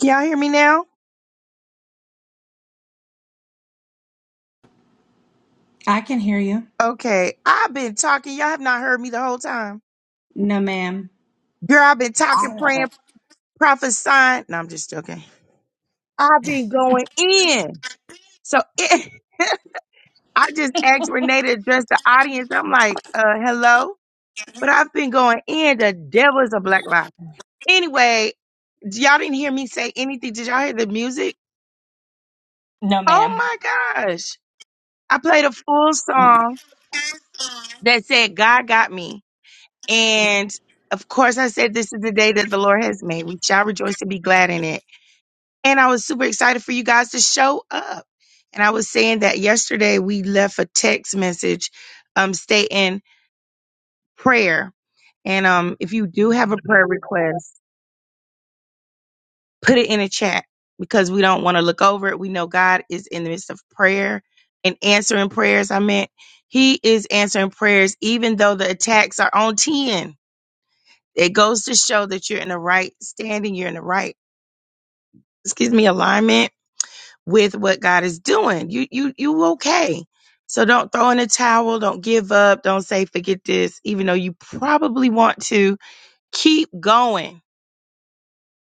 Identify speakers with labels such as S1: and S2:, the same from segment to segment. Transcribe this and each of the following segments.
S1: Can y'all hear me now?
S2: I can hear you.
S1: Okay. I've been talking. Y'all have not heard me the whole time.
S2: No, ma'am.
S1: Girl, I've been talking, praying, prophesying. No, I'm just joking. I've been going in. So it, I just asked Renee to address the audience. I'm like, uh, hello. But I've been going in. The devil is a black lie. Anyway, y'all didn't hear me say anything. Did y'all hear the music?
S2: No,
S1: Oh
S2: ma'am.
S1: my gosh. I played a full
S2: Mm-mm.
S1: song that said, God got me. And of course, I said, This is the day that the Lord has made. We shall rejoice and be glad in it. And I was super excited for you guys to show up. And I was saying that yesterday we left a text message um, stating prayer. And um, if you do have a prayer request, put it in a chat because we don't want to look over it. We know God is in the midst of prayer and answering prayers. I meant He is answering prayers, even though the attacks are on 10 It goes to show that you're in the right standing, you're in the right, excuse me, alignment with what God is doing. You you you okay. So don't throw in a towel, don't give up, don't say forget this, even though you probably want to keep going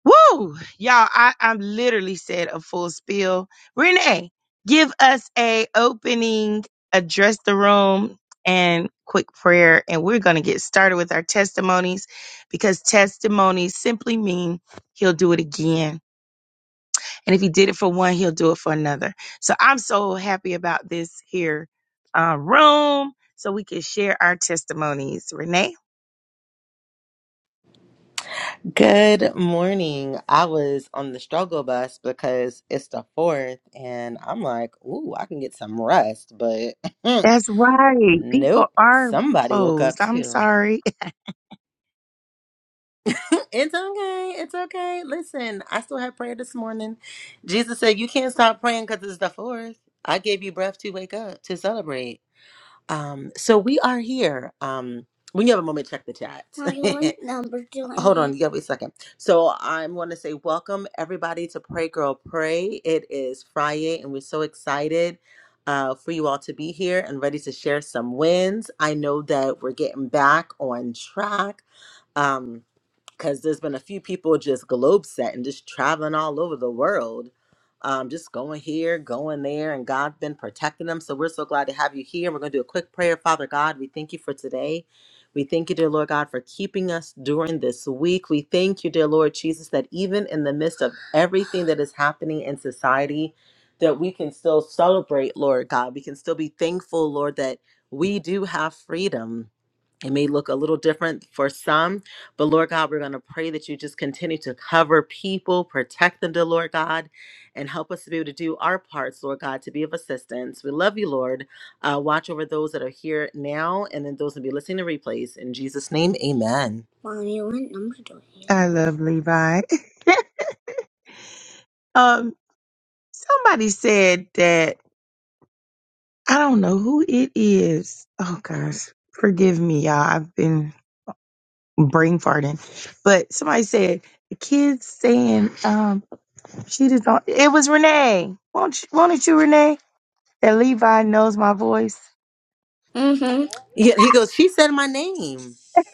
S1: Woo! Y'all, I, I literally said a full spiel. Renee, give us a opening, address the room, and quick prayer. And we're gonna get started with our testimonies because testimonies simply mean he'll do it again. And if he did it for one, he'll do it for another. So I'm so happy about this here uh, room so we can share our testimonies. Renee?
S3: Good morning. I was on the struggle bus because it's the fourth, and I'm like, ooh, I can get some rest, but
S1: That's right. People
S3: nope.
S1: are
S3: Somebody woke up
S1: closed. I'm
S3: too.
S1: sorry.
S3: it's okay. It's okay. Listen, I still had prayer this morning. Jesus said, You can't stop praying because it's the fourth. I gave you breath to wake up, to celebrate. Um, so we are here. Um, when you have a moment, check the chat. Right, what number do I Hold on, need? give me a second. So I'm going to say welcome everybody to Pray Girl Pray. It is Friday, and we're so excited uh, for you all to be here and ready to share some wins. I know that we're getting back on track. Um, because there's been a few people just globe setting, just traveling all over the world, um, just going here, going there, and God's been protecting them. So we're so glad to have you here. We're going to do a quick prayer. Father God, we thank you for today. We thank you, dear Lord God, for keeping us during this week. We thank you, dear Lord Jesus, that even in the midst of everything that is happening in society, that we can still celebrate, Lord God. We can still be thankful, Lord, that we do have freedom it may look a little different for some, but Lord God, we're going to pray that you just continue to cover people, protect them, dear Lord God, and help us to be able to do our parts, Lord God, to be of assistance. We love you, Lord. Uh, watch over those that are here now and then those that be listening to replays. In Jesus' name, amen. Mommy, what number do I have?
S1: I love Levi. um, somebody said that I don't know who it is. Oh gosh, forgive me, y'all. I've been brain farting, but somebody said the kids saying um she just don't. It was Renee. Won't you, won't it you, Renee? That Levi knows my voice.
S3: Mm-hmm. Yeah, he goes, she said my name.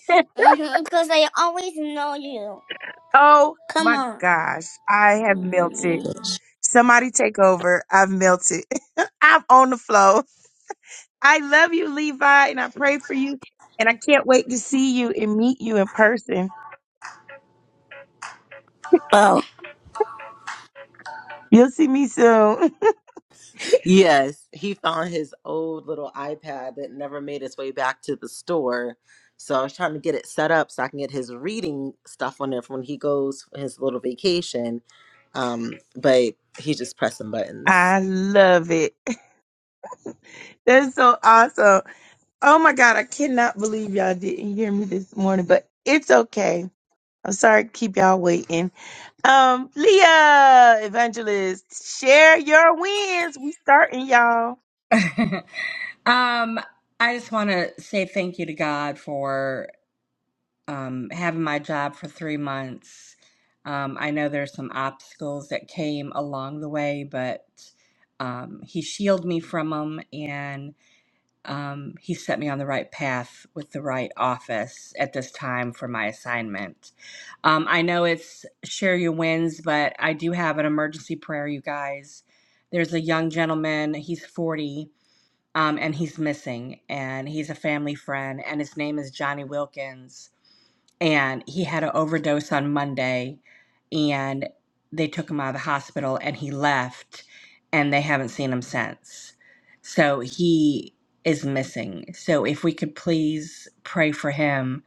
S3: Mhm. Because I always know you.
S1: oh
S3: Come
S1: my
S3: on.
S1: gosh, I have melted. Somebody take over. I've melted. I'm on the flow. I love you, Levi, and I pray for you. And I can't wait to see you and meet you in person.
S3: Oh.
S1: You'll see me soon.
S3: Yes, he found his old little iPad that never made its way back to the store. So I was trying to get it set up so I can get his reading stuff on there for when he goes for his little vacation. Um, but he's just pressing buttons.
S1: I love it. That's so awesome. Oh my God, I cannot believe y'all didn't hear me this morning, but it's okay. I'm sorry to keep y'all waiting. Um, Leah, Evangelist, share your wins. We starting, y'all.
S2: um, I just want to say thank you to God for um, having my job for three months. Um, I know there's some obstacles that came along the way, but um, He shielded me from them and um, He set me on the right path with the right office at this time for my assignment. Um, I know it's share your wins, but I do have an emergency prayer, you guys. There's a young gentleman, he's 40, um, and he's missing, and he's a family friend, and his name is Johnny Wilkins. And he had an overdose on Monday, and they took him out of the hospital, and he left, and they haven't seen him since. So he is missing. So if we could please pray for him,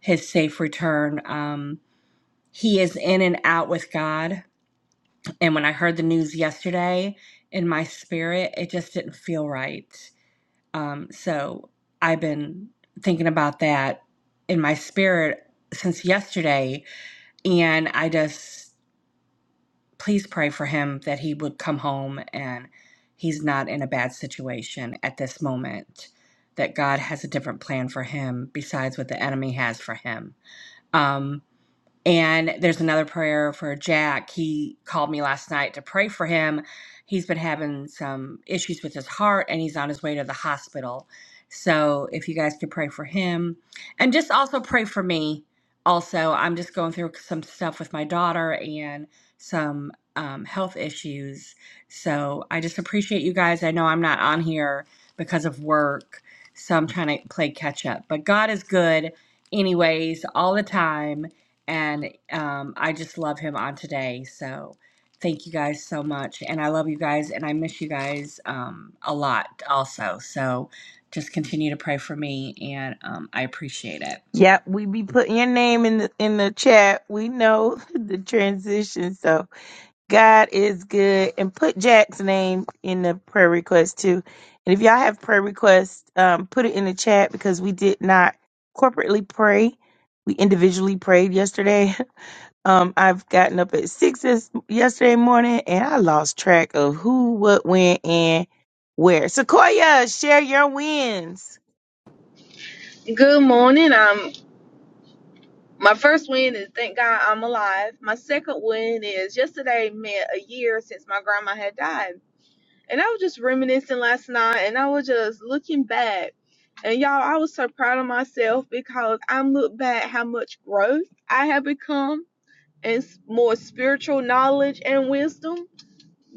S2: his safe return. Um, he is in and out with God. And when I heard the news yesterday in my spirit, it just didn't feel right. Um, so I've been thinking about that in my spirit since yesterday. And I just, please pray for him that he would come home and he's not in a bad situation at this moment, that God has a different plan for him besides what the enemy has for him. Um, And there's another prayer for Jack. He called me last night to pray for him. He's been having some issues with his heart and he's on his way to the hospital. So if you guys could pray for him and just also pray for me. Also, I'm just going through some stuff with my daughter and some um, health issues. So I just appreciate you guys. I know I'm not on here because of work. So I'm trying to play catch up. But God is good, anyways, all the time and um, I just love him on today. So thank you guys so much, and I love you guys, and I miss you guys um, a lot also. So just continue to pray for me, and um, I appreciate it.
S1: Yep, we be putting your name in the in the chat. We know the transition, so God is good. And put Jack's name in the prayer request too. And if y'all have prayer requests, um, put it in the chat because we did not corporately pray. We individually prayed yesterday. Um, I've gotten up at six this yesterday morning, and I lost track of who, what, when, and where. Sequoia, share your wins.
S4: Good morning. Um, my first win is thank God I'm alive. My second win is yesterday meant a year since my grandma had died, and I was just reminiscing last night, and I was just looking back, and y'all, I was so proud of myself because I look back how much growth I have become and s- more spiritual knowledge and wisdom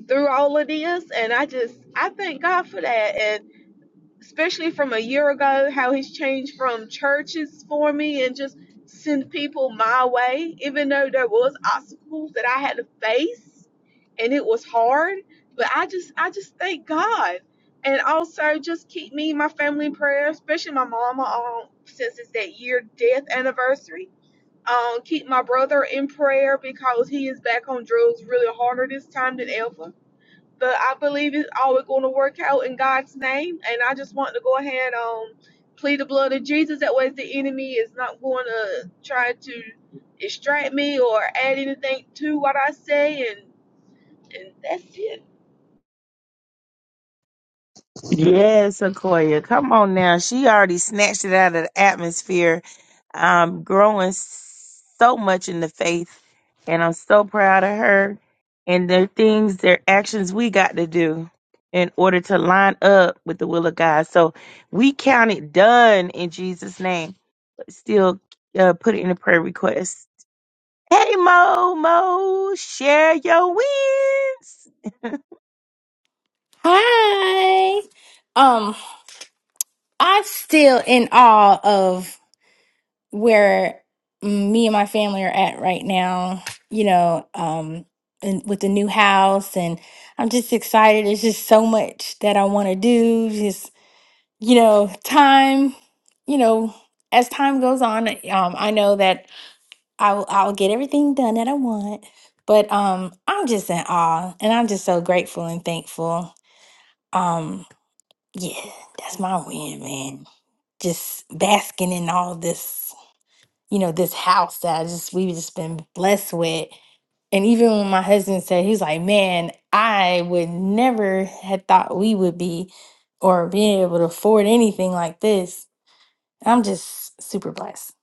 S4: through all of this, and I just I thank God for that, especially from a year ago, how he's changed from churches for me and just send people my way, even though there was obstacles that I had to face and it was hard. But I just I just thank God. And also just keep me and my family in prayer, especially my mama um, since it's that year death anniversary. Um, keep my brother in prayer because he is back on drugs really harder this time than ever but I believe it's always going to work out in God's name. And I just want to go ahead and um, plead the blood of Jesus. That way, the enemy is not going to try to distract me or add anything to what I say. And, and that's it.
S1: Yes, Sequoia. Come on now. She already snatched it out of the atmosphere. I'm growing so much in the faith, and I'm so proud of her. And the things, their actions we got to do in order to line up with the will of God. So we count it done in Jesus' name. Still uh, put it in a prayer request. Hey, Mo, Mo, share your wins.
S5: Hi. Um, I'm still in awe of where me and my family are at right now, you know, um, and with the new house and I'm just excited. There's just so much that I want to do. Just, you know, time, you know, as time goes on, um, I know that I'll I'll get everything done that I want. But um I'm just in awe and I'm just so grateful and thankful. Um, Yeah, that's my win, man. Just basking in all this, you know, this house that I just we've just been blessed with. And even when my husband said he's like, Man, I would never had thought we would be or being able to afford anything like this. I'm just super blessed.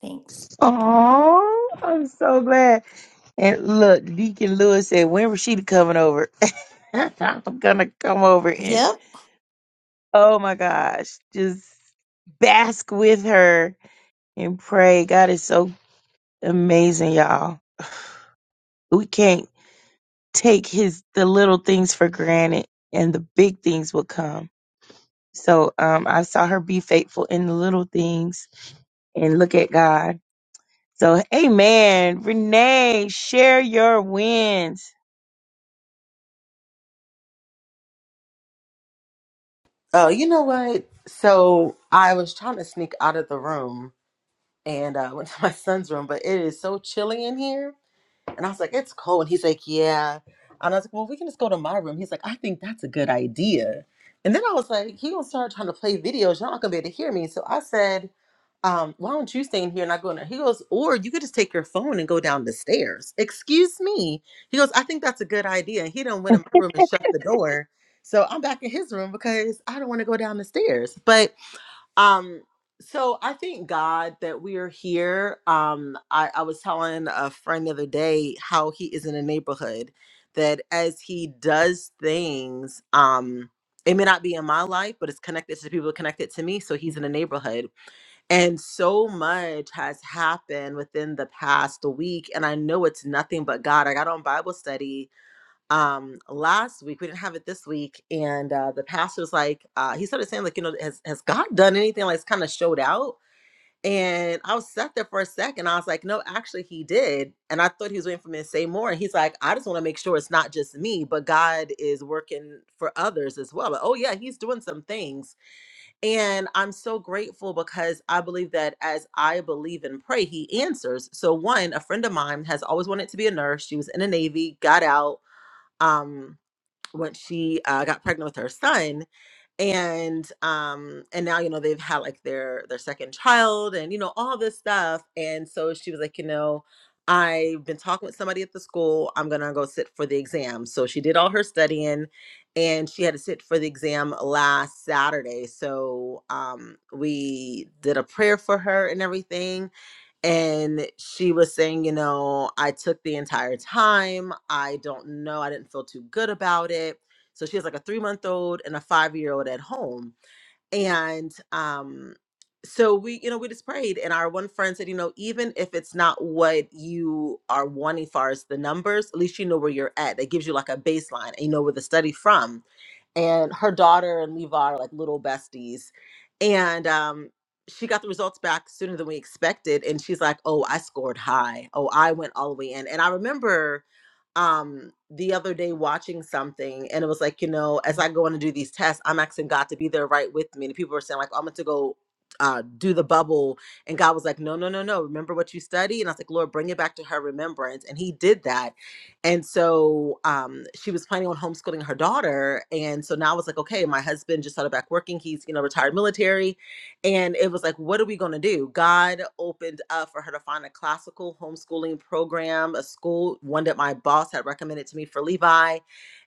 S5: Thanks.
S1: Oh, I'm so glad. And look, Deacon Lewis said, when was she coming over? I'm gonna come over and oh my gosh, just bask with her and pray. God is so amazing, y'all. We can't take his the little things for granted and the big things will come. So um I saw her be faithful in the little things and look at God. So, amen. Renee, share your wins.
S3: Oh, you know what? So I was trying to sneak out of the room and I uh, went to my son's room, but it is so chilly in here. And I was like, it's cold. And he's like, yeah. And I was like, well, we can just go to my room. He's like, I think that's a good idea. And then I was like, he gonna start trying to play videos. You're not gonna be able to hear me. So I said, um, why don't you stay in here and not go in there? He goes, or you could just take your phone and go down the stairs. Excuse me. He goes, I think that's a good idea. And he done went in my room and shut the door. So I'm back in his room because I don't want to go down the stairs. But um, so I thank God that we are here. Um, I, I was telling a friend the other day how he is in a neighborhood that as he does things, um, it may not be in my life, but it's connected to the people connected to me. So he's in a neighborhood. And so much has happened within the past week. And I know it's nothing but God. Like, I got on Bible study um last week we didn't have it this week and uh the pastor was like uh he started saying like you know has, has god done anything like it's kind of showed out and i was sat there for a second i was like no actually he did and i thought he was waiting for me to say more and he's like i just want to make sure it's not just me but god is working for others as well Like, oh yeah he's doing some things and i'm so grateful because i believe that as i believe and pray he answers so one a friend of mine has always wanted to be a nurse she was in the navy got out um when she uh, got pregnant with her son and um and now you know they've had like their their second child and you know all this stuff and so she was like you know i've been talking with somebody at the school i'm gonna go sit for the exam so she did all her studying and she had to sit for the exam last saturday so um we did a prayer for her and everything and she was saying, you know, I took the entire time. I don't know. I didn't feel too good about it. So she has like a three month old and a five year old at home and um so we you know we just prayed and our one friend said you know even if it's not what you are wanting far as the numbers at least you know where you're at that gives you like a baseline and you know where the study from and her daughter and levi are like little besties and um she got the results back sooner than we expected and she's like oh i scored high oh i went all the way in and i remember um the other day watching something and it was like you know as i go on to do these tests i'm asking god to be there right with me and people were saying like "Oh, i'm going to go uh do the bubble and god was like no no no no remember what you study and i was like lord bring it back to her remembrance and he did that and so um she was planning on homeschooling her daughter and so now it's like okay my husband just started back working he's you know retired military and it was like what are we going to do god opened up for her to find a classical homeschooling program a school one that my boss had recommended to me for levi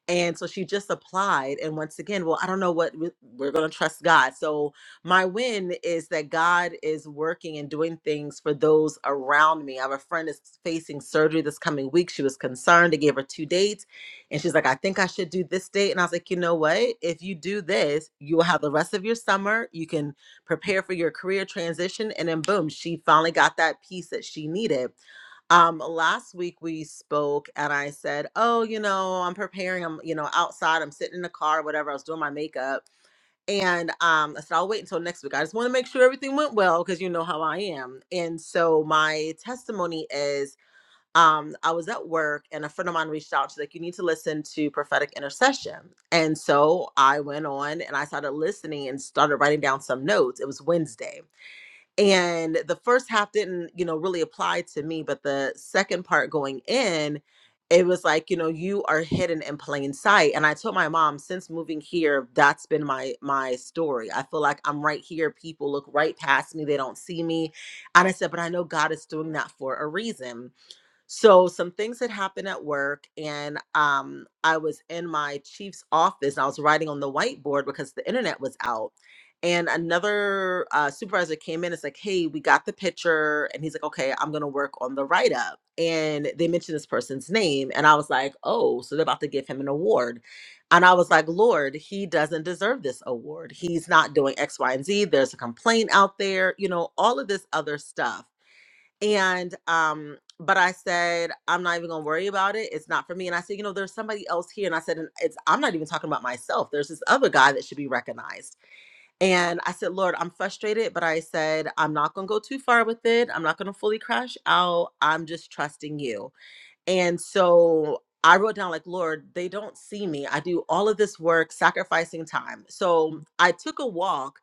S3: and so she just applied. And once again, well, I don't know what we- we're going to trust God. So my win is that God is working and doing things for those around me. I have a friend that's facing surgery this coming week. She was concerned. They gave her two dates. And she's like, I think I should do this date. And I was like, you know what? If you do this, you will have the rest of your summer. You can prepare for your career transition. And then boom, she finally got that piece that she needed um last week we spoke and i said oh you know i'm preparing i'm you know outside i'm sitting in the car whatever i was doing my makeup and um i said i'll wait until next week i just want to make sure everything went well because you know how i am and so my testimony is um i was at work and a friend of mine reached out she's like you need to listen to prophetic intercession and so i went on and i started listening and started writing down some notes it was wednesday and the first half didn't you know really apply to me but the second part going in it was like you know you are hidden in plain sight and i told my mom since moving here that's been my my story i feel like i'm right here people look right past me they don't see me and i said but i know god is doing that for a reason so some things had happened at work, and um, I was in my chief's office. And I was writing on the whiteboard because the internet was out. And another uh, supervisor came in. It's like, hey, we got the picture, and he's like, okay, I'm gonna work on the write up. And they mentioned this person's name, and I was like, oh, so they're about to give him an award. And I was like, Lord, he doesn't deserve this award. He's not doing X, Y, and Z. There's a complaint out there, you know, all of this other stuff and um but i said i'm not even gonna worry about it it's not for me and i said you know there's somebody else here and i said and it's i'm not even talking about myself there's this other guy that should be recognized and i said lord i'm frustrated but i said i'm not gonna go too far with it i'm not gonna fully crash out i'm just trusting you and so I wrote down, like, Lord, they don't see me. I do all of this work, sacrificing time. So I took a walk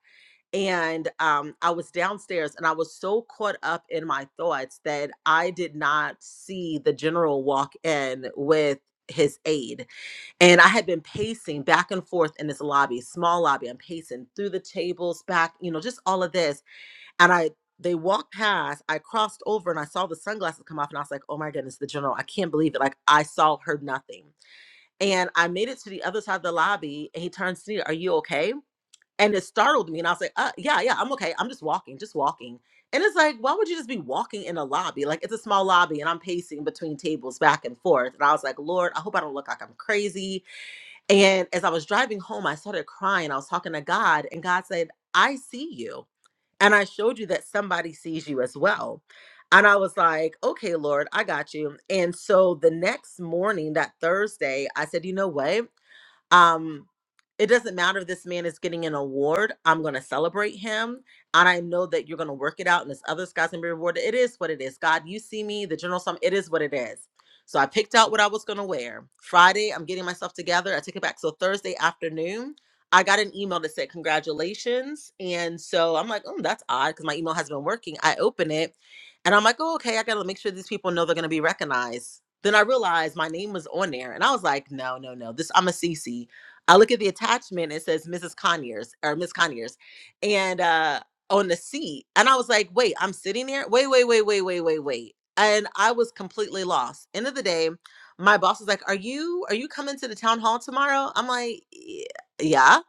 S3: and um, I was downstairs and I was so caught up in my thoughts that I did not see the general walk in with his aide. And I had been pacing back and forth in this lobby, small lobby. I'm pacing through the tables, back, you know, just all of this. And I, they walked past, I crossed over and I saw the sunglasses come off and I was like, oh my goodness, the general, I can't believe it. Like I saw, heard nothing. And I made it to the other side of the lobby and he turns to me, are you okay? and it startled me and i was like uh, yeah yeah i'm okay i'm just walking just walking and it's like why would you just be walking in a lobby like it's a small lobby and i'm pacing between tables back and forth and i was like lord i hope i don't look like i'm crazy and as i was driving home i started crying i was talking to god and god said i see you and i showed you that somebody sees you as well and i was like okay lord i got you and so the next morning that thursday i said you know what um it doesn't matter if this man is getting an award i'm going to celebrate him and i know that you're going to work it out and this other guy's going to be rewarded it is what it is god you see me the general sum it is what it is so i picked out what i was going to wear friday i'm getting myself together i took it back so thursday afternoon i got an email that said congratulations and so i'm like oh that's odd because my email has been working i open it and I'm like, oh, okay, I gotta make sure these people know they're gonna be recognized. Then I realized my name was on there, and I was like, no, no, no, this I'm a CC. I look at the attachment; it says Mrs. Conyers or Miss Conyers, and uh, on the seat, and I was like, wait, I'm sitting there. Wait, wait, wait, wait, wait, wait, wait, and I was completely lost. End of the day, my boss was like, are you are you coming to the town hall tomorrow? I'm like, "Y- yeah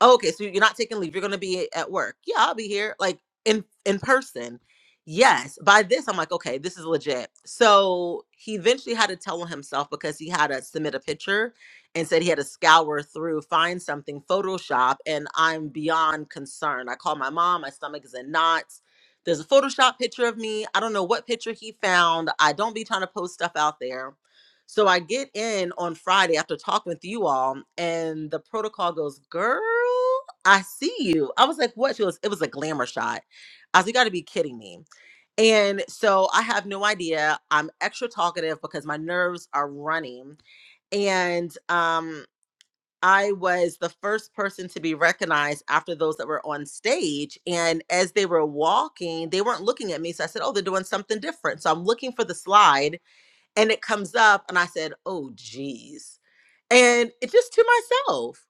S3: oh, okay, so you're not taking leave. You're gonna be a- at work. Yeah, I'll be here, like in in person. Yes. By this, I'm like, okay, this is legit. So he eventually had to tell on himself because he had to submit a picture and said he had to scour through, find something, Photoshop, and I'm beyond concerned. I call my mom, my stomach is in knots. There's a Photoshop picture of me. I don't know what picture he found. I don't be trying to post stuff out there so I get in on Friday after talking with you all, and the protocol goes, Girl, I see you. I was like, What? She was, It was a glamour shot. I was, like, You got to be kidding me. And so I have no idea. I'm extra talkative because my nerves are running. And um, I was the first person to be recognized after those that were on stage. And as they were walking, they weren't looking at me. So I said, Oh, they're doing something different. So I'm looking for the slide and it comes up and i said oh geez and it just to myself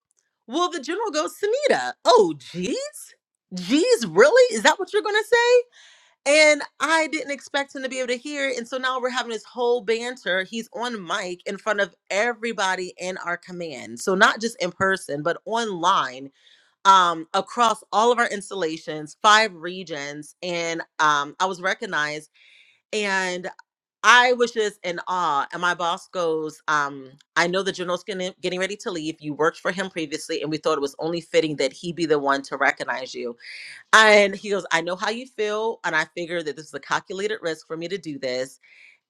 S3: well the general goes samita oh geez geez really is that what you're gonna say and i didn't expect him to be able to hear it and so now we're having this whole banter he's on mic in front of everybody in our command so not just in person but online um, across all of our installations five regions and um, i was recognized and. I was just in awe. And my boss goes, um, I know the general's getting, getting ready to leave. You worked for him previously, and we thought it was only fitting that he be the one to recognize you. And he goes, I know how you feel. And I figured that this is a calculated risk for me to do this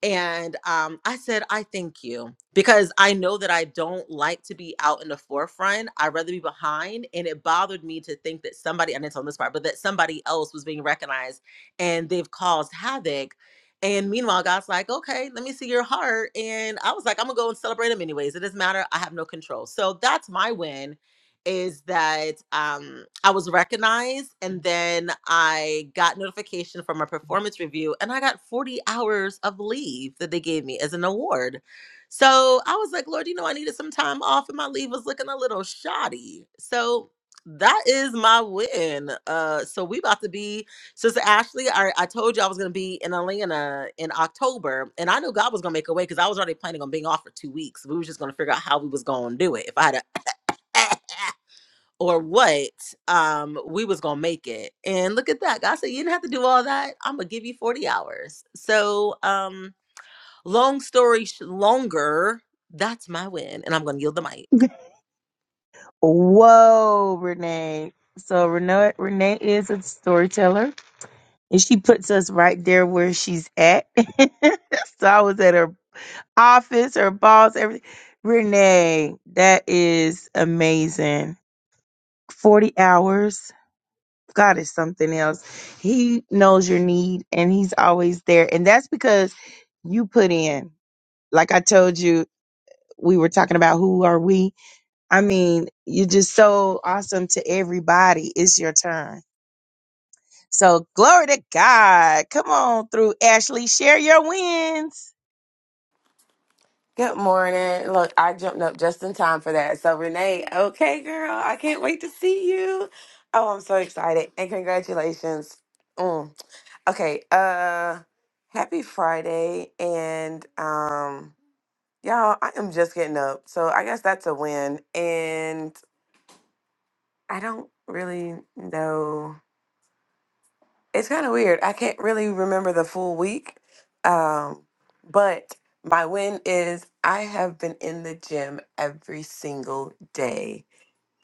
S3: and um, I said, I thank you because I know that I don't like to be out in the forefront. I'd rather be behind. And it bothered me to think that somebody, I didn't tell them this part, but that somebody else was being recognized and they've caused havoc. And meanwhile, God's like, okay, let me see your heart. And I was like, I'm going to go and celebrate him anyways. It doesn't matter. I have no control. So that's my win is that um, I was recognized, and then I got notification from a performance review, and I got 40 hours of leave that they gave me as an award. So I was like, Lord, you know, I needed some time off, and my leave was looking a little shoddy. So that is my win. Uh, so we about to be, Sister Ashley. I, I told you I was gonna be in Atlanta in October, and I knew God was gonna make a way because I was already planning on being off for two weeks. We was just gonna figure out how we was gonna do it. If I had a or what um we was gonna make it and look at that god said you didn't have to do all that i'm gonna give you 40 hours so um long story sh- longer that's my win and i'm gonna yield the mic
S1: Whoa, Renee. So Renee Renee is a storyteller and she puts us right there where she's at. so I was at her office, her boss, everything. Renee, that is amazing. 40 hours. God is something else. He knows your need and he's always there. And that's because you put in. Like I told you. we were talking about who are we. I mean, you're just so awesome to everybody. It's your turn. So glory to God. Come on through, Ashley. Share your wins.
S6: Good morning. Look, I jumped up just in time for that. So, Renee, okay, girl, I can't wait to see you. Oh, I'm so excited. And congratulations. Mm. Okay, uh happy Friday and um y'all, I am just getting up. So, I guess that's a win and I don't really know. it's kind of weird. I can't really remember the full week. Um, but my win is I have been in the gym every single day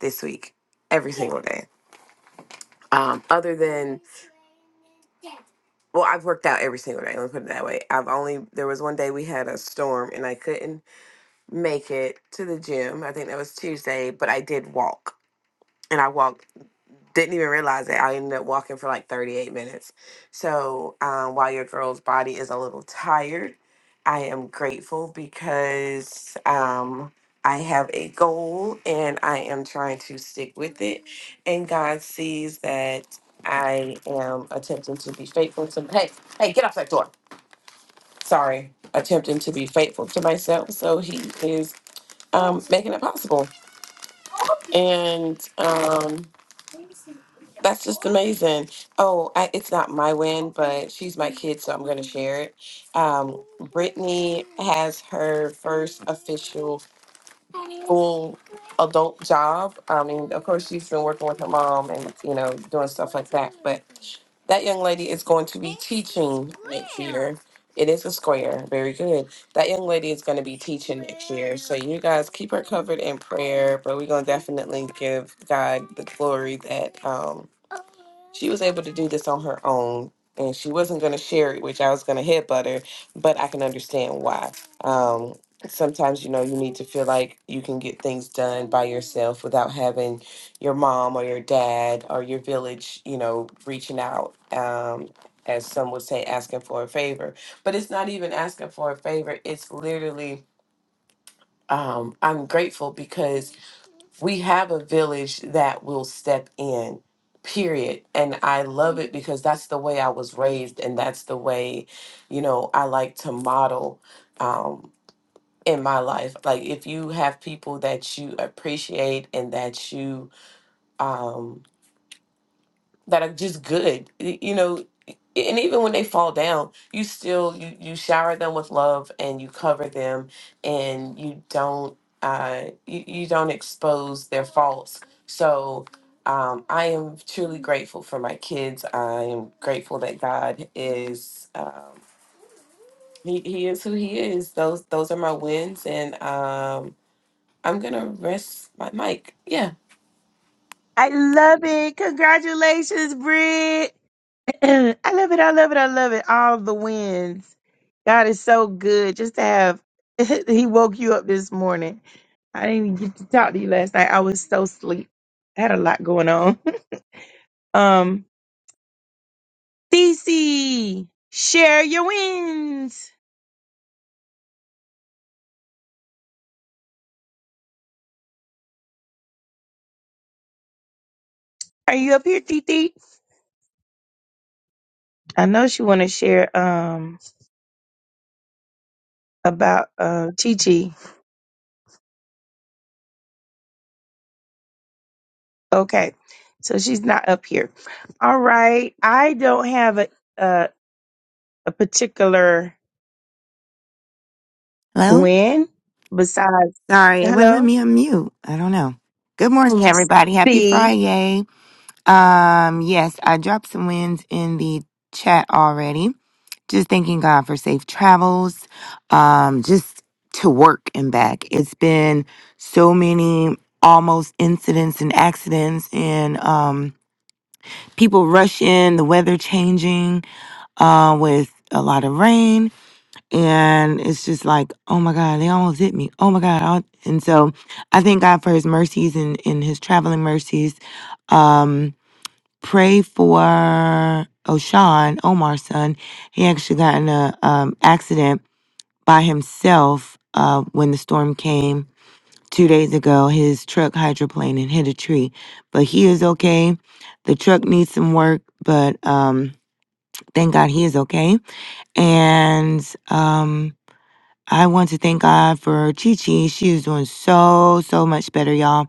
S6: this week. Every single day. Um, other than, well, I've worked out every single day. Let me put it that way. I've only, there was one day we had a storm and I couldn't make it to the gym. I think that was Tuesday, but I did walk. And I walked didn't even realize it. I ended up walking for like 38 minutes. So um, while your girl's body is a little tired, I am grateful because um, I have a goal and I am trying to stick with it. And God sees that I am attempting to be faithful to hey hey get off that door. Sorry, attempting to be faithful to myself. So He is um, making it possible, and um, That's just amazing. Oh, I, it's not my win, but she's my kid, so I'm going to share it. Um, Brittany has her first official full adult job. I mean, of course, she's been working with her mom and, you know, doing stuff like that. But that young lady is going to be teaching next year. It is a square. Very good. That young lady is going to be teaching next year. So you guys keep her covered in prayer, but we're going to definitely give God the glory that. Um, she was able to do this on her own and she wasn't going to share it which i was going to headbutt her but i can understand why um, sometimes you know you need to feel like you can get things done by yourself without having your mom or your dad or your village you know reaching out um, as some would say asking for a favor but it's not even asking for a favor it's literally um, i'm grateful because we have a village that will step in period and i love it because that's the way i was raised and that's the way you know i like to model um in my life like if you have people that you appreciate and that you um that are just good y- you know and even when they fall down you still you you shower them with love and you cover them and you don't uh you, you don't expose their faults so um i am truly grateful for my kids i am grateful that god is um he, he is who he is those those are my wins and um i'm gonna rest my mic yeah
S1: I love it. Congratulations, Britt. I love it. I love it. I love it. All the wins. God is so good just to have he woke you up this morning. I didn't even get to talk to you last night. I was so sleep. I had a lot going on. Um Thesey, share your wins. Are you up here, Titi? I know she want to share um about uh Chi. Okay, so she's not up here. All right, I don't have a a, a particular
S7: Hello?
S1: win besides
S7: Sorry, it wouldn't let
S1: hello
S7: me unmute. I don't know. Good morning, everybody. Happy
S1: C.
S7: Friday. Um, yes, I dropped some wins in the chat already. Just thanking God for safe travels. Um, just to work and back. It's been so many almost incidents and accidents and um people rush in, the weather changing, uh, with a lot of rain and it's just like, oh my God, they almost hit me. Oh my God. I- And so I thank God for his mercies and, and his traveling mercies. Um, pray for Oshan, Omar's son. He actually got in a um, accident by himself uh, when the storm came two days ago. His truck hydroplaned and hit a tree, but he is okay. The truck needs some work, but um, thank God he is okay. And um, I want to thank God for Chi Chi. She is doing so, so much better, y'all.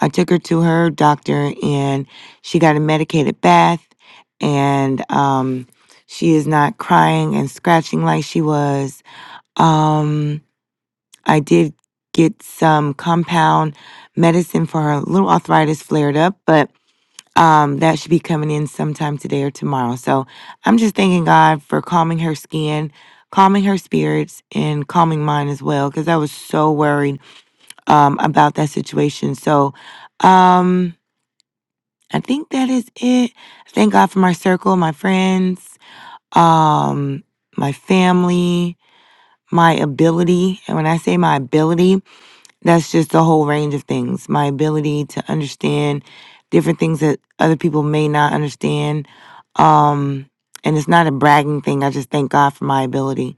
S7: I took her to her doctor and she got a medicated bath and um, she is not crying and scratching like she was. Um, I did get some compound medicine for her little arthritis flared up, but um, that should be coming in sometime today or tomorrow. So I'm just thanking God for calming her skin, calming her spirits, and calming mine as well, because I was so worried um, about that situation. So um, I think that is it. Thank God for my circle, my friends, um, my family, my ability. And when I say my ability, that's just the whole range of things my ability to understand different things that other people may not understand um and it's not a bragging thing i just thank god for my ability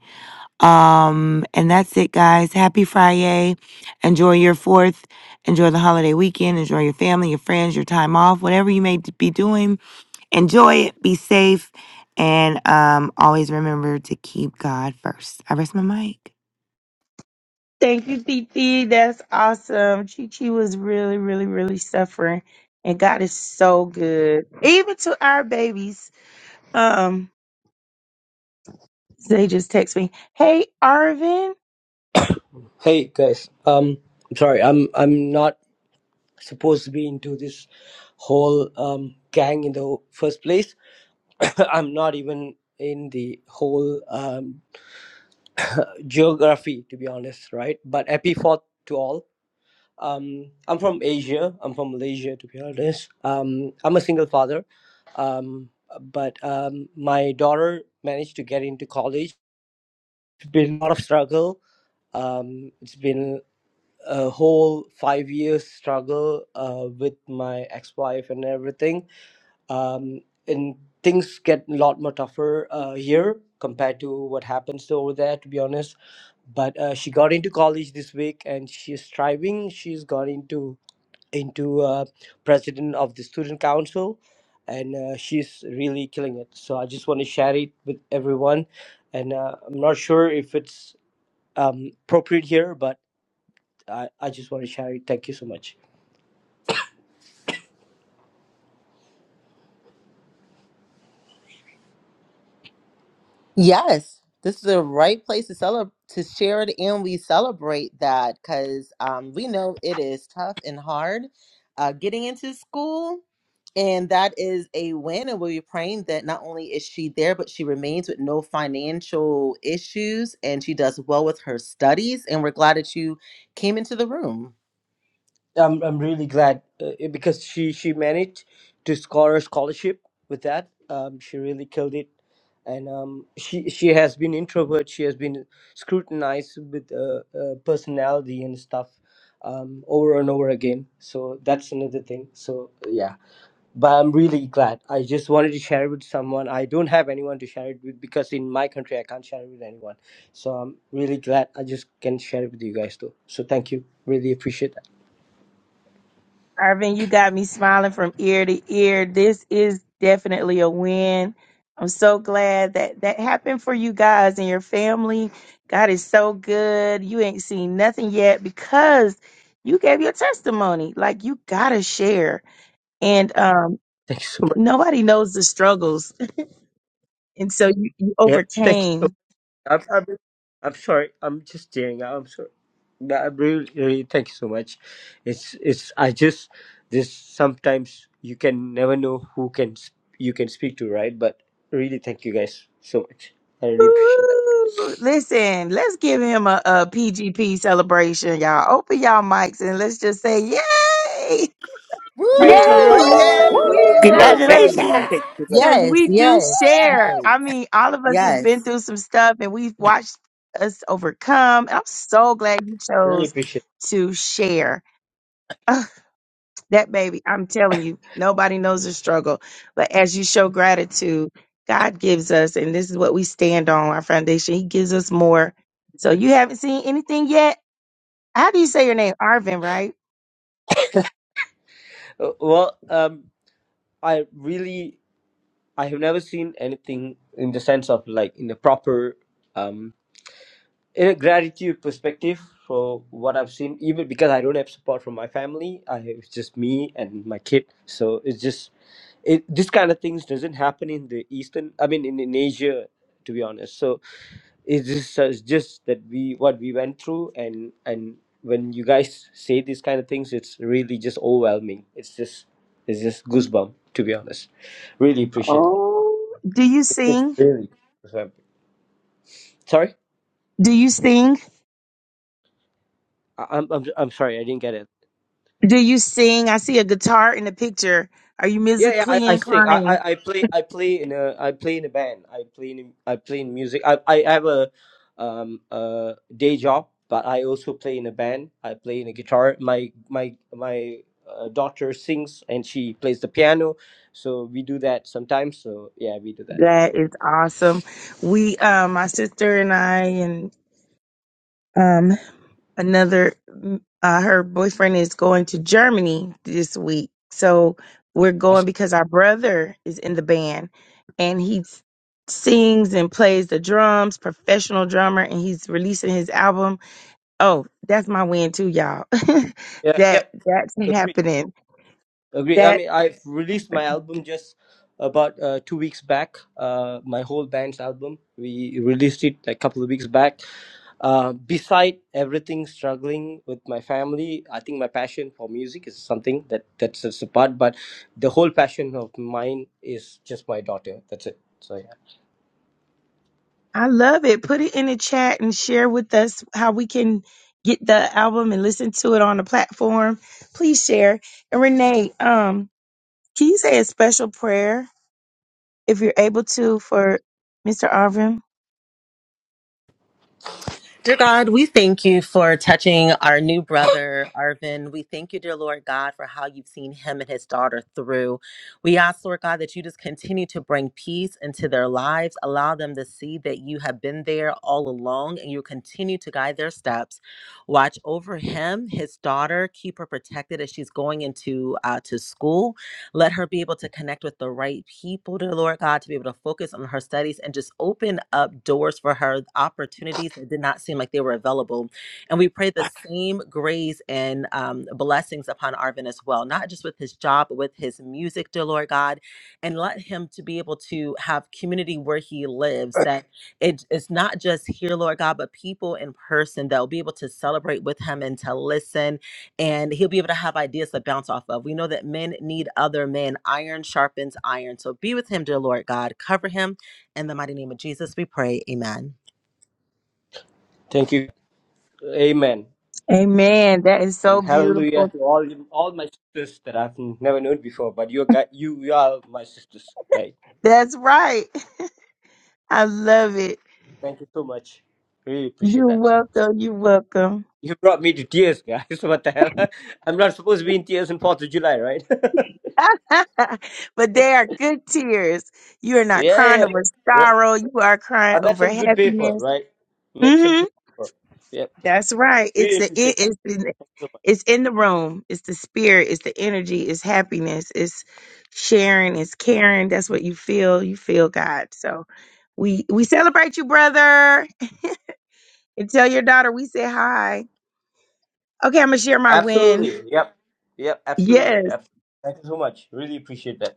S7: um and that's it guys happy friday enjoy your fourth enjoy the holiday weekend enjoy your family your friends your time off whatever you may be doing enjoy it be safe and um always remember to keep god first i rest my mic
S1: Thank you, Titi. That's awesome. Chi Chi was really, really, really suffering, and God is so good, even to our babies. Um. They just text me, "Hey, Arvin."
S8: Hey guys, um, I'm sorry, I'm I'm not supposed to be into this whole um, gang in the first place. I'm not even in the whole um, geography, to be honest, right? But happy fourth to all. Um, I'm from Asia. I'm from Malaysia, to be honest. Um, I'm a single father, um, but um, my daughter managed to get into college. It's been a lot of struggle. Um, it's been a whole five years struggle uh, with my ex-wife and everything um, and things get a lot more tougher uh, here compared to what happens to over there to be honest but uh, she got into college this week and she's striving she's got into into uh, president of the student council and uh, she's really killing it so i just want to share it with everyone and uh, i'm not sure if it's um, appropriate here but I, I just want to share it. Thank you so much.
S3: Yes, this is the right place to celebrate, to share it, and we celebrate that because um, we know it is tough and hard uh, getting into school, and that is a win. And we're praying that not only is she there, but she remains with no financial issues, and she does well with her studies. And we're glad that you came into the room.
S8: I'm I'm really glad uh, because she she managed to score a scholarship with that. Um, she really killed it, and um, she she has been introvert. She has been scrutinized with uh, uh, personality and stuff um, over and over again. So that's another thing. So yeah. but I'm really glad. I just wanted to share it with someone. I don't have anyone to share it with because in my country I can't share it with anyone. So I'm really glad I just can share it with you guys too. So thank you. Really appreciate that.
S1: Arvin, you got me smiling from ear to ear. This is definitely a win. I'm so glad that that happened for you guys and your family. God is so good. You ain't seen nothing yet because you gave your testimony. Like you gotta share, and um,
S8: Thank you so much.
S1: nobody knows the struggles, and so you, you
S8: Yep. Thank you.
S1: overcame.
S8: So much. I'm, I'm, I'm sorry. I'm just tearing. up. I'm sorry. But i really, really thank you so much. It's it's. I just this sometimes you can never know who can s- you can speak to, right? But really, thank you guys so much. I really appreciate that.
S1: Woo! Listen, let's give him a, PGP celebration, y'all. Open y'all mics and let's just say, Yay!
S2: Praise
S7: Woo!
S2: the
S1: Yay!
S3: Woo!
S2: Lord. Thank you,
S1: We
S2: Jesus.
S1: celebrate
S8: Thank you.
S6: Woo!
S3: Yay!
S7: Congratulations!
S1: you
S8: Thank you so much,
S1: because
S8: guys.
S3: Yes,
S1: we do
S3: yes.
S1: share.
S3: Celebrate.
S1: I mean, all of us has
S3: Yes.
S1: been through some stuff and we've watched us overcome. And I'm so glad you
S8: Really
S1: chose
S8: appreciate. it.
S1: to share. That baby, I'm telling you, nobody knows the struggle. But as you show gratitude, God gives us, and this is what we stand on, our foundation. He gives us more. So you haven't seen anything yet. How do you say your name? Arvin, right?
S8: Uh, well, um, I really I have never seen anything in the sense of like in a proper um in a gratitude perspective for what I've seen. Even because I don't have support from my family, I it's just me and my kid. So it's just it. This kind of things doesn't happen in the Eastern. I mean, in in Asia, to be honest. So it's just, so, it's just that we what we went through and and when you guys say these kind of things it's really just overwhelming it's just it's just goosebump to be honest really appreciate that
S1: Do you
S8: it's just
S1: sing?
S8: really goosebump. sorry
S1: Do you sing?
S8: I- I'm, I'm i'm sorry i didn't get it
S1: Do you sing? I see a guitar in the picture. Are you
S8: Yeah, yeah, I,
S1: musically
S8: I sing. I,
S1: inclined?
S8: I, I play I play in a I play in a band. I play in I play in music. I, I have a um a day job, but I also play in a band. I play in a guitar. My my my uh, daughter sings and she plays the piano, so we do that sometimes. So yeah, we do that.
S1: That is awesome. We, um, my sister and I, and um, another mm, uh, her boyfriend is going to Germany this week. So we're going
S8: Awesome.
S1: because our brother is in the band and he s- sings and plays the drums, professional drummer and he's releasing his album. Oh, that's my win too, y'all.
S8: Yeah.
S1: that
S8: Yep.
S1: that's
S8: Agree.
S1: happening.
S8: Agree. I
S1: That
S8: mean, I've released my album just about uh, two weeks back. Uh, my whole band's album. We released it a couple of weeks back. Uh, beside everything struggling with my family, I think my passion for music is something that that sets apart. But the whole passion of mine is just my daughter. That's it. So yeah.
S1: I love it. Put it in the chat and share with us how we can get the album and listen to it on the platform. Please share. And Renee, um Can you say a special prayer if you're able to for Mr. Arvin?
S3: Dear God, we thank you for touching our new brother, Arvin. We thank you, dear Lord God, for how you've seen him and his daughter through. We ask, Lord God, that you just continue to bring peace into their lives. Allow them to see that you have been there all along and you continue to guide their steps. Watch over him, his daughter, keep her protected as she's going into uh, to school Let her be able to connect with the right people, dear Lord God, to be able to focus on her studies and just open up doors for her, opportunities that did not seem like they were available. And we pray the same grace and um, blessings upon Arvin as well, not just with his job, but with his music, dear Lord God. And let him to be able to have community where he lives, that it, it's not just here, Lord God, but people in person that will be able to celebrate with him and to listen and he'll be able to have ideas to bounce off of. We know that men need other men. Iron sharpens iron. So be with him, dear Lord God. Cover him. In the mighty name of Jesus, we pray. Amen.
S8: Thank you. Amen.
S1: Amen. That is so
S8: And hallelujah
S1: beautiful.
S8: to all all my sisters that I've never known before. But you got you, you are my sisters, right?
S1: That's right. I love it.
S8: Thank you so much. Really appreciate
S1: You're
S8: that.
S1: welcome. You're welcome.
S8: You brought me to tears, guys. What the hell? I'm not supposed to be in tears on 4th of July, right?
S1: but they are good tears. You are not
S8: yeah,
S1: crying
S8: yeah,
S1: over
S8: yeah.
S1: sorrow. You are crying
S8: I met
S1: over
S8: some good people,
S1: happiness.
S8: right? Met some
S1: hmm
S8: good people. Yep.
S1: That's right. It's
S8: Really
S1: the
S8: appreciate
S1: it
S8: that
S1: is in
S8: so much.
S1: it's in the room. It's the spirit. It's the energy. It's happiness. It's sharing. It's caring. That's what you feel. You feel God. So We we celebrate you, brother, and tell your daughter we said hi. Okay, I'm gonna share my win.
S8: Absolutely. Yep. Yep. Absolutely.
S1: Yes,
S8: Absolutely. Thank you so much. Really appreciate that.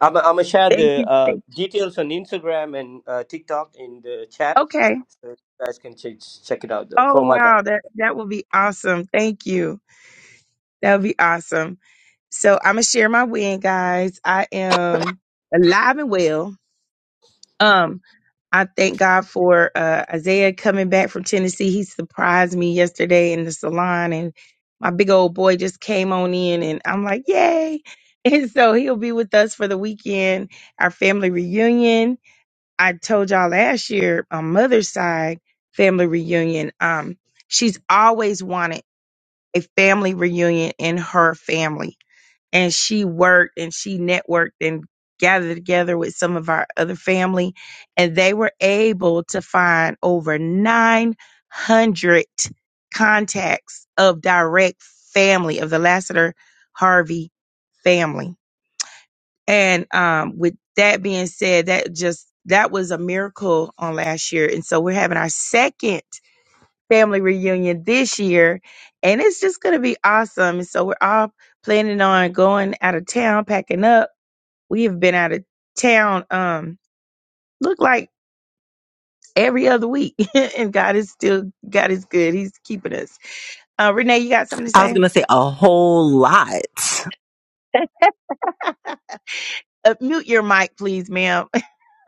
S8: I'm I'm going to share
S1: thank
S8: the
S1: you.
S8: uh,
S1: Thank.
S8: details on Instagram and uh, TikTok in the chat
S1: Okay.
S8: so you guys can check check it out, though,
S1: Oh
S8: for my
S1: wow,
S8: band.
S1: that that will be awesome. Thank you. That would be awesome. So I'm gonna share my win, guys. I am alive and well. Um, I thank God for uh, Isaiah coming back from Tennessee. He surprised me yesterday in the salon, and my big old boy just came on in, and I'm like, yay! And so he'll be with us for the weekend, our family reunion. I told y'all last year, on mother's side family reunion, um, she's always wanted a family reunion in her family. And she worked and she networked and gathered together with some of our other family. And they were able to find over 900 contacts of direct family of the Lassiter Harvey family. And um, with that being said, that just that was a miracle on last year. And so we're having our second family reunion this year, and it's just going to be awesome. And so we're all planning on going out of town, packing up. We have been out of town, um, look like every other week, and God is still God is good. He's keeping us. Uh, Renee, you got something to
S3: I was
S1: say?
S3: going to say a whole lot.
S1: Uh, mute your mic, please, ma'am.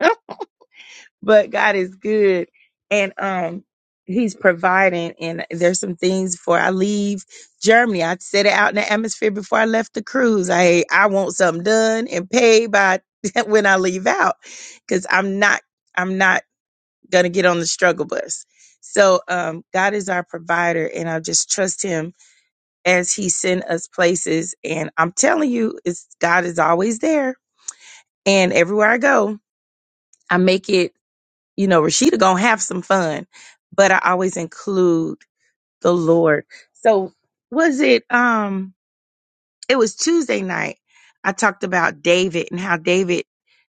S1: but God is good and um he's providing and there's some things before I leave Germany. I set it out in the atmosphere before I left the cruise. I I want something done and paid by when I leave out cuz I'm not I'm not going to get on the struggle bus. So um God is our provider and I just trust him as he send us places and I'm telling you it's God is always there and everywhere I go I make it you know, Rashida gonna have some fun, but I always include the Lord. So was it um it was Tuesday night. I talked about David and how David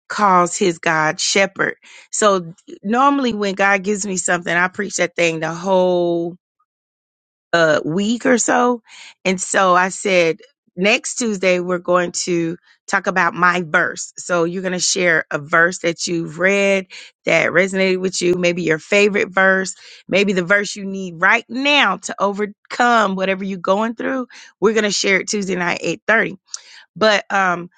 S1: calls his God shepherd. So normally when God gives me something, I preach that thing the whole a week or so. And so I said, next Tuesday, we're going to talk about my verse. So you're going to share a verse that you've read that resonated with you, maybe your favorite verse, maybe the verse you need right now to overcome whatever you're going through. We're going to share it Tuesday night, 8.30. But um,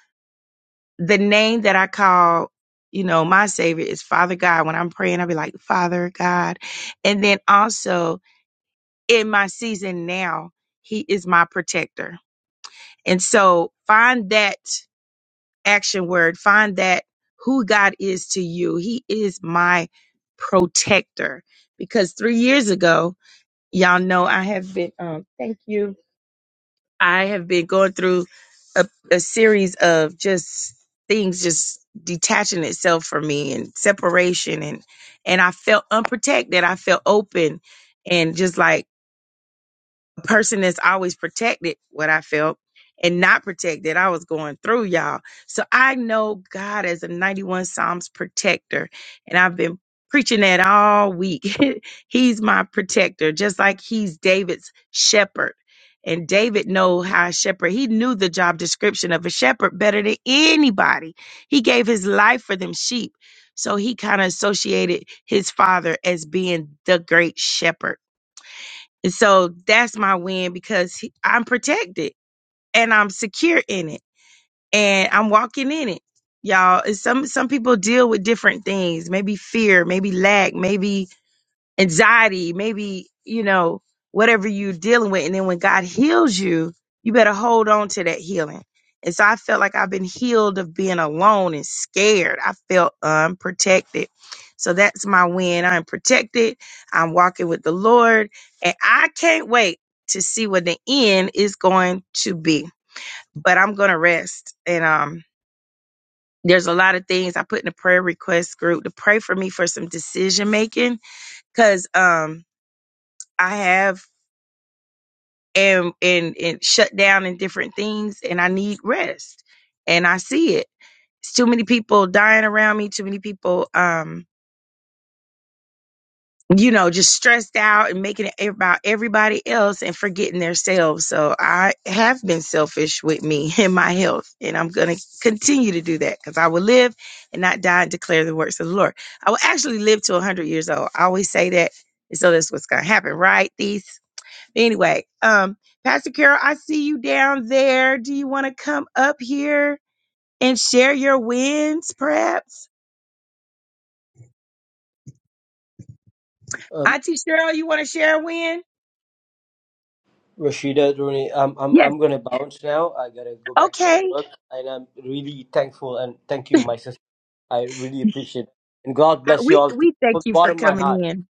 S1: the name that I call, you know, my savior is Father God. When I'm praying, I'll be like, Father God. And then also, in my season now, he is my protector. And so find that action word, find that who God is to you. He is my protector. Because three years ago, y'all know I have been, um, thank you. I have been going through a, a series of just things just detaching itself from me and separation and and I felt unprotected. I felt open and just like a person that's always protected what I felt and not protected. I was going through y'all. So I know God as a 91 Psalms protector. And I've been preaching that all week. he's my protector, just like he's David's shepherd. And David know how a shepherd, he knew the job description of a shepherd better than anybody. He gave his life for them sheep. So he kind of associated his father as being the great shepherd and so that's my win because he- I'm protected and I'm secure in it and I'm walking in it. Y'all, It's some some people deal with different things, maybe fear, maybe lack, maybe anxiety, maybe, you know, whatever you're dealing with. And then when God heals you, you better hold on to that healing. And so I felt like I've been healed of being alone and scared. I felt unprotected. So that's my win. I'm protected. I'm walking with the Lord. And I can't wait to see what the end is going to be. But I'm gonna rest. And um there's a lot of things I put in the prayer request group to pray for me for some decision making. Cause um I have am and and shut down in different things and I need rest. And I see it. It's too many people dying around me, too many people um, you know, just stressed out and making it about everybody else and forgetting themselves. So I have been selfish with me and my health. And I'm gonna continue to do that because I will live and not die and declare the works of the Lord. I will actually live to one hundred years old. I always say that. And so that's what's gonna happen, right? These Anyway, um, Pastor Carol, I see you down there. Do you want to come up here and share your wins, perhaps? Auntie Cheryl, you want to share a win?
S8: Rashida, Rooney, I'm I'm
S1: Yes.
S8: I'm gonna bounce now. I gotta go back to my
S1: Okay.
S8: work, and I'm really thankful and thank you, my sister. I really appreciate it. and God
S1: Uh,
S8: bless you
S1: We
S8: all too.
S1: we
S8: from
S1: thank
S8: the
S1: you for
S8: bottom of my heart.
S1: coming in.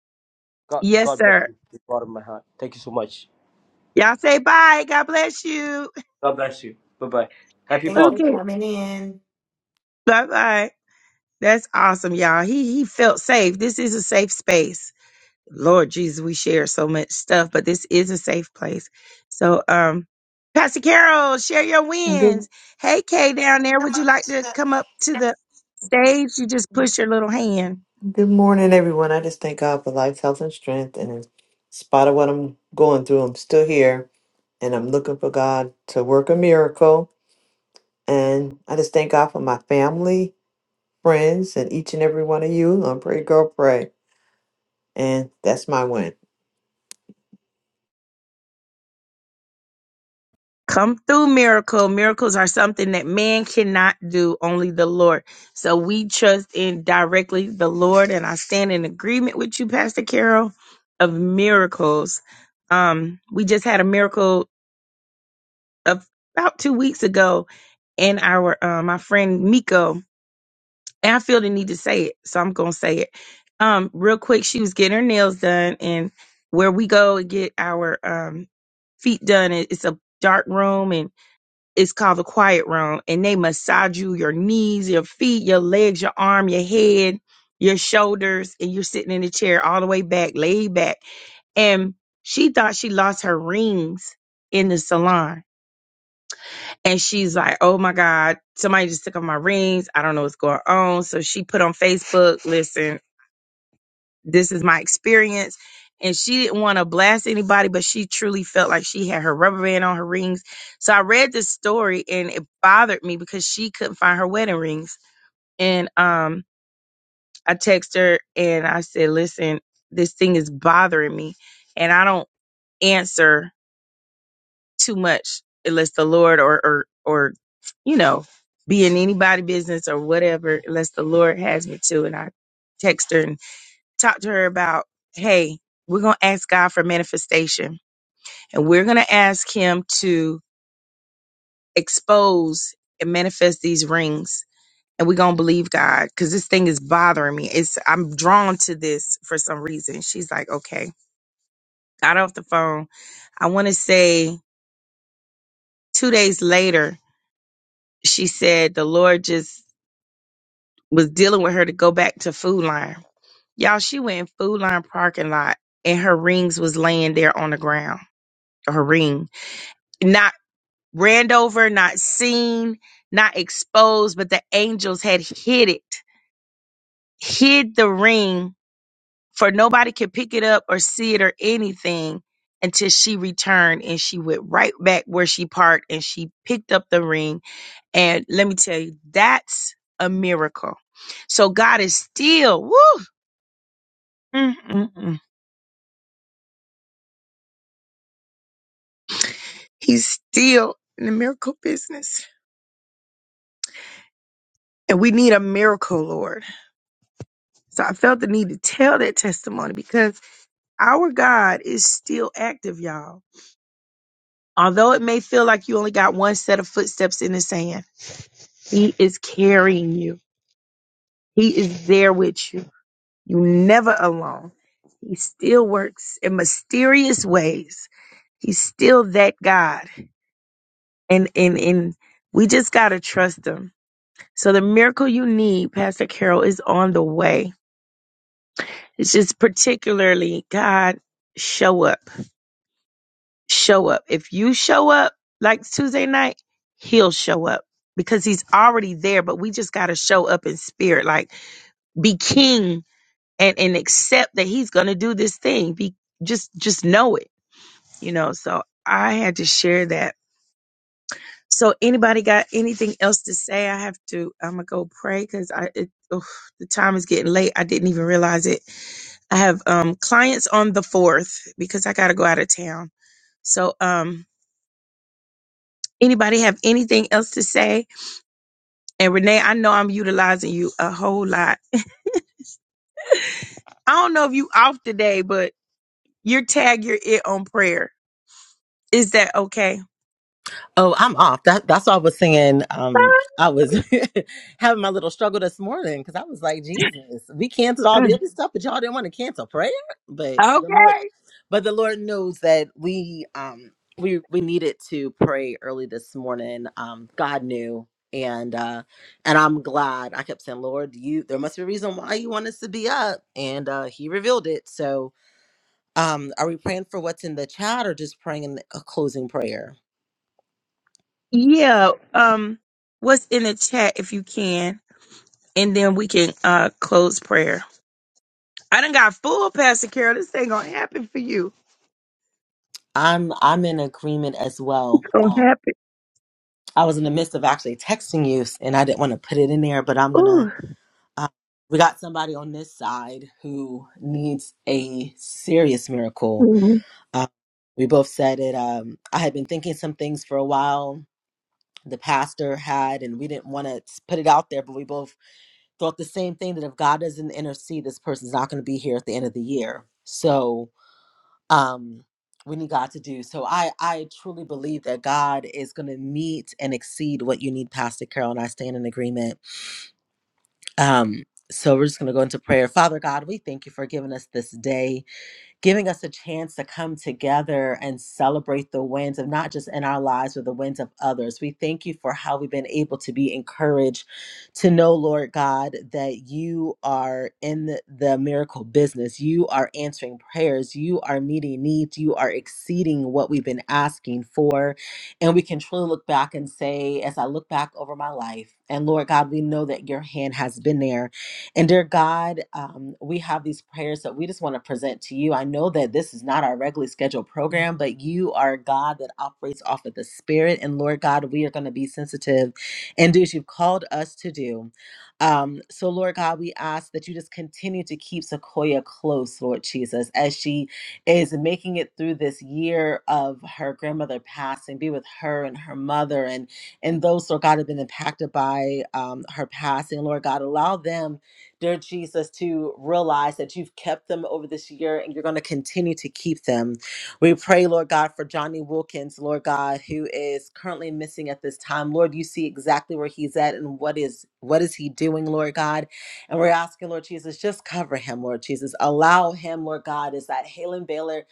S8: God
S1: Yes,
S8: God bless
S1: sir.
S8: you from the bottom of my heart. Thank you so much.
S1: Y'all say bye. God bless you.
S8: God bless you. Bye bye. Happy Fourth.
S1: Okay.
S7: Amen.
S1: Bye bye. That's awesome, y'all. He he felt safe. This is a safe space. Lord Jesus, we share so much stuff, but this is a safe place. So, um, Pastor Carol, share your
S9: Good,
S1: wins. Hey, Kay, down there, would you like to come up to the stage? You just push your little hand.
S9: good morning, everyone. I just thank God for life, health, and strength. And in spite of what I'm going through, I'm still here and I'm looking for God to work a miracle. And I just thank God for my family, friends, and each and every one of you on Pray Girl Pray. And that's my win.
S1: Come through, miracle. Miracles are something that man cannot do, only the Lord. So we trust in directly the Lord, and I stand in agreement with you, Pastor Carol, of miracles. Um, we just had a miracle of- about two weeks ago and our uh, my friend Miko, and I feel the need to say it, so I'm gonna say it. Um, real quick, she was getting her nails done, and where we go and get our um feet done, it- it's a dark room and it's called the quiet room, and they massage you your knees, your feet, your legs, your arm, your head, your shoulders, and you're sitting in the chair all the way back, laid back. And she thought she lost her rings in the salon And she's like, oh my God, somebody just took off my rings. I don't know what's going on. So she put on Facebook, listen, this is my experience. And she didn't want to blast anybody, but she truly felt like she had her rubber band on her rings. So I read this story and it bothered me because she couldn't find her wedding rings. And um, I texted her and I said, listen, this thing is bothering me. And I don't answer too much unless the Lord or or or you know, be in anybody business or whatever, unless the Lord has me to. And I text her and talk to her about, hey, we're gonna ask God for manifestation and we're gonna ask him to expose and manifest these rings and we're gonna believe God because this thing is bothering me. It's I'm drawn to this for some reason. She's like, okay. Got off the phone. I wanna say two days later, she said the Lord just was dealing with her to go back to Food Line. Y'all, she went in Food Line parking lot and her rings was laying there on the ground. Her ring. Not ran over, not seen, not exposed, but the angels had hid it, hid the ring for nobody could pick it up or see it or anything until she returned and she went right back where she parked and she picked up the ring. And let me tell you, that's a miracle. So God is still, woo! Mm-mm-mm. He's still in the miracle business. And we need a miracle, Lord. So I felt the need to tell that testimony because our God is still active, y'all. Although it may feel like you only got one set of footsteps in the sand, He is carrying you. He is there with you. You're never alone. He still works in mysterious ways. He's still that God. And and and we just gotta trust him So the miracle you need, Pastor Carol, is on the way. It's just particularly God, show up, show up. If you show up like Tuesday night, He'll show up because He's already there. But we just got to show up in spirit, like be king and and accept that He's gonna do this thing. Be just just know it, you know. So I had to share that. So anybody got anything else to say? I have to. I'm gonna go pray because I it, oof, the time is getting late. I didn't even realize it. I have um clients on the 4th because I got to go out of town. So um anybody have anything else to say? And Renee, I know I'm utilizing you a whole lot. I don't know if you off today, but your tag you're it on prayer. Is that okay?
S3: Oh, I'm off. That, that's why I was saying um, I was having my little struggle this morning because I was like, Jesus, we canceled all the
S1: Mm.
S3: other stuff, but y'all didn't want to cancel prayer. But the Lord,
S1: Okay.
S3: but the Lord knows that we um, we we needed to pray early this morning. Um, God knew, and uh, and I'm glad. I kept saying, Lord, you there must be a reason why you want us to be up, and uh, He revealed it. So um, are we praying for what's in the chat or just praying in the, a closing prayer?
S1: Yeah. Um what's in the chat if you can and then we can uh close prayer. I done got full, Pastor Carol. This ain't gonna happen for you.
S3: I'm I'm in agreement as well.
S1: It's gonna
S3: Um,
S1: happen.
S3: I was in the midst of actually texting you, and I didn't want to put it in there, but I'm gonna.
S1: Ooh.
S3: Uh, we got somebody on this side who needs a serious miracle. Um, we both said it. Um, I had been thinking some things for a while. The pastor had, and we didn't want to put it out there, but we both thought the same thing that if God doesn't intercede, this person's not going to be here at the end of the year. So um, we need God to do. So I, I truly believe that God is going to meet and exceed what you need, Pastor Carol, and I stand in agreement. Um, so we're just going to go into prayer. Father God, we thank you for giving us this day giving us a chance to come together and celebrate the wins of not just in our lives, but the wins of others. We thank you for how we've been able to be encouraged to know, Lord God, that you are in the, the miracle business. You are answering prayers. You are meeting needs. You are exceeding what we've been asking for. And we can truly look back and say, as I look back over my life, and Lord God, we know that your hand has been there and dear God, um, we have these prayers that we just want to present to you. I know that this is not our regularly scheduled program, but you are a God that operates off of the Spirit. And Lord God, we are going to be sensitive and do as you've called us to do. Um, so, Lord God, we ask that you just continue to keep Sequoia close, Lord Jesus, as she is making it through this year of her grandmother passing. Be with her and her mother and and those, Lord God, have been impacted by um, her passing. Lord God, allow them dear Jesus, to realize that you've kept them over this year and you're going to continue to keep them. We pray, Lord God, for Johnny Wilkins, Lord God, who is currently missing at this time. Lord, you see exactly where he's at and what is what is he doing, Lord God. And we're asking, Lord Jesus, just cover him, Lord Jesus. Allow him, Lord God, is that Halen Baylor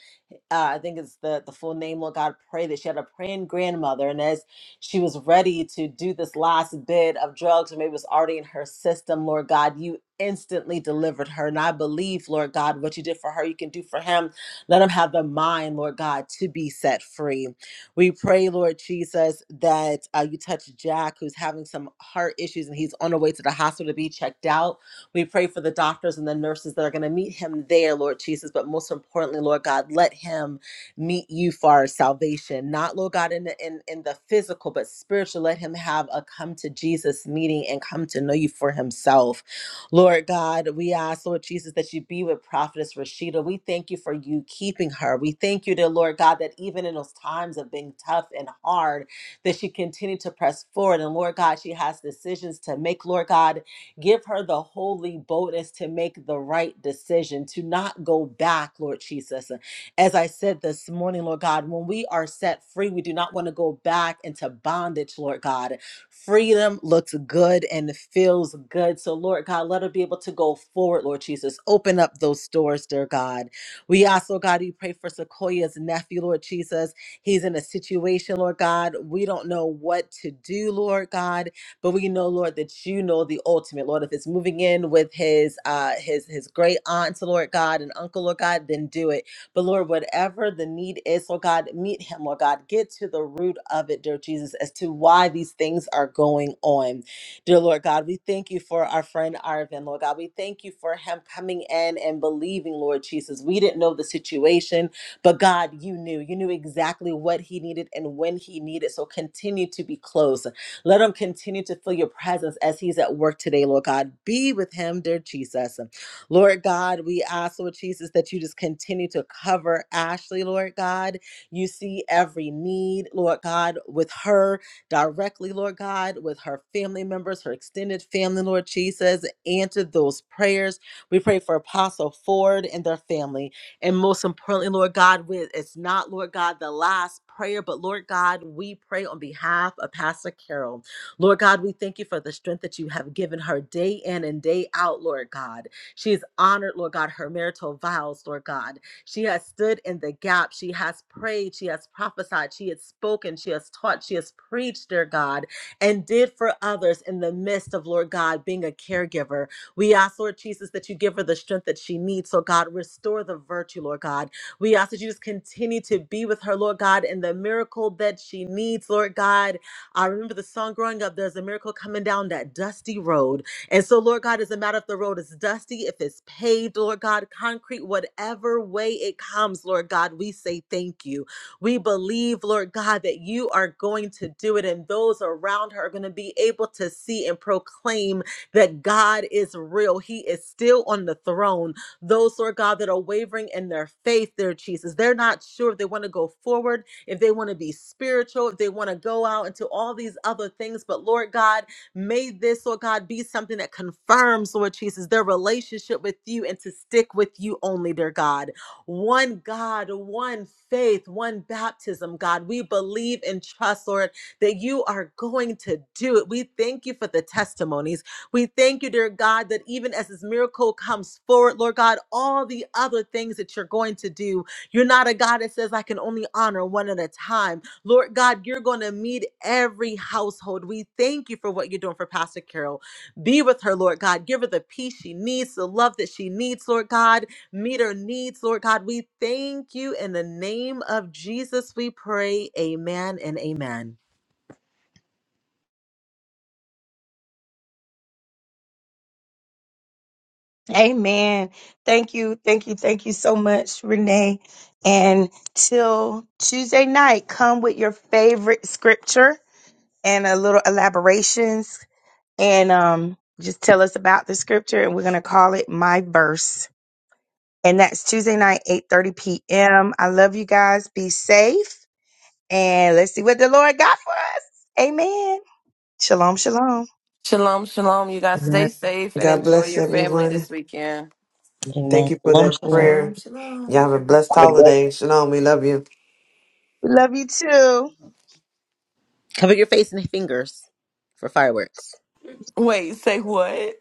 S3: uh, I think it's the, the full name, Lord God, pray that she had a praying grandmother. And as she was ready to do this last bit of drugs, or maybe it was already in her system, Lord God, you instantly delivered her. And I believe, Lord God, what you did for her, you can do for him. Let him have the mind, Lord God, to be set free. We pray, Lord Jesus, that uh, you touch Jack, who's having some heart issues and he's on the way to the hospital to be checked out. We pray for the doctors and the nurses that are going to meet him there, Lord Jesus. But most importantly, Lord God, let him meet you for our salvation. Not, Lord God, in the, in, in the physical, but spiritual. Let him have a come to Jesus meeting and come to know you for himself. Lord God, we ask, Lord Jesus, that you be with Prophetess Rashida. We thank you for you keeping her. We thank you, dear Lord God, that even in those times of being tough and hard, that she continued to press forward. And Lord God, she has decisions to make, Lord God Give her the holy boldness to make the right decision, to not go back, Lord Jesus. As I said this morning, Lord God, when we are set free, we do not want to go back into bondage, Lord God. Freedom looks good and feels good. So, Lord God, let her be able to go forward, Lord Jesus. Open up those doors, dear God. We also, God, we pray for Sequoia's nephew, Lord Jesus. He's in a situation, Lord God. We don't know what to do, Lord God but we know lord that you know the ultimate lord if it's moving in with his uh his his great aunts lord god and uncle lord god then do it but lord whatever the need is lord god meet him lord god get to the root of it dear jesus as to why these things are going on dear lord god we thank you for our friend arvin lord god we thank you for him coming in and believing lord jesus we didn't know the situation but god you knew you knew exactly what he needed and when he needed so continue to be close let him continue to feel your presence as he's at work today, Lord God. Be with him, dear Jesus. Lord God, we ask, Lord Jesus, that you just continue to cover Ashley, Lord God. You see every need, Lord God, with her directly, Lord God, with her family members, her extended family, Lord Jesus. Answer those prayers. We pray for Apostle Ford and their family. And most importantly, Lord God, with it's not, Lord God, the last prayer, but Lord God, we pray on behalf of Pastor Carol. Lord God, we thank you for the strength that you have given her day in and day out, Lord God. She has honored, Lord God, her marital vows, Lord God. She has stood in the gap. She has prayed. She has prophesied. She has spoken. She has taught. She has preached, dear God, and did for others in the midst of, Lord God, being a caregiver. We ask, Lord Jesus, that you give her the strength that she needs. So, God, restore the virtue, Lord God. We ask that you just continue to be with her, Lord God, and the miracle that she needs, Lord God. I remember the song growing up, there's a miracle coming down that dusty road. And so, Lord God, it doesn't matter if the road is dusty, if it's paved, Lord God, concrete, whatever way it comes, Lord God, we say thank you. We believe, Lord God, that you are going to do it, and those around her are going to be able to see and proclaim that God is real. He is still on the throne. Those, Lord God, that are wavering in their faith, their Jesus, they're not sure if they want to go forward, if they want to be spiritual, if they want to go out into all these other things. But Lord God, may this, Lord God, be something that confirms, Lord Jesus, their relationship with you and to stick with you only, dear God. One God, one faith, one baptism, God. We believe and trust, Lord, that you are going to do it. We thank you for the testimonies. We thank you, dear God, that even as this miracle comes forward, Lord God, all the other things that you're going to do, you're not a God that says, I can only honor one at a time. Lord God, you're going to meet every household. We thank you for what you're doing for Pastor Carol. Be with her, Lord God. Give her the peace she needs, the love that she needs, Lord God. Meet her needs, Lord God. We thank you in the name of Jesus, we pray. Amen and amen.
S1: Amen. Thank you. Thank you. Thank you so much, Renee. And till Tuesday night, come with your favorite scripture and a little elaborations and um just tell us about the scripture and we're going to call it my verse. And that's Tuesday night 8:30 p.m. I love you guys. Be safe and let's see what the Lord got for us. Amen. Shalom, shalom.
S6: shalom shalom you guys stay
S3: Amen.
S6: safe and
S9: God
S6: enjoy
S9: bless
S6: your family
S9: everyone.
S6: this weekend
S3: Amen.
S9: Thank you for
S3: Shalom,
S9: that
S3: shalom.
S7: Shalom,
S9: prayer.
S7: shalom.
S9: Y'all have a blessed holiday. Shalom. We love you.
S1: We love you too.
S3: Cover your face and fingers for fireworks.
S6: Wait, say what?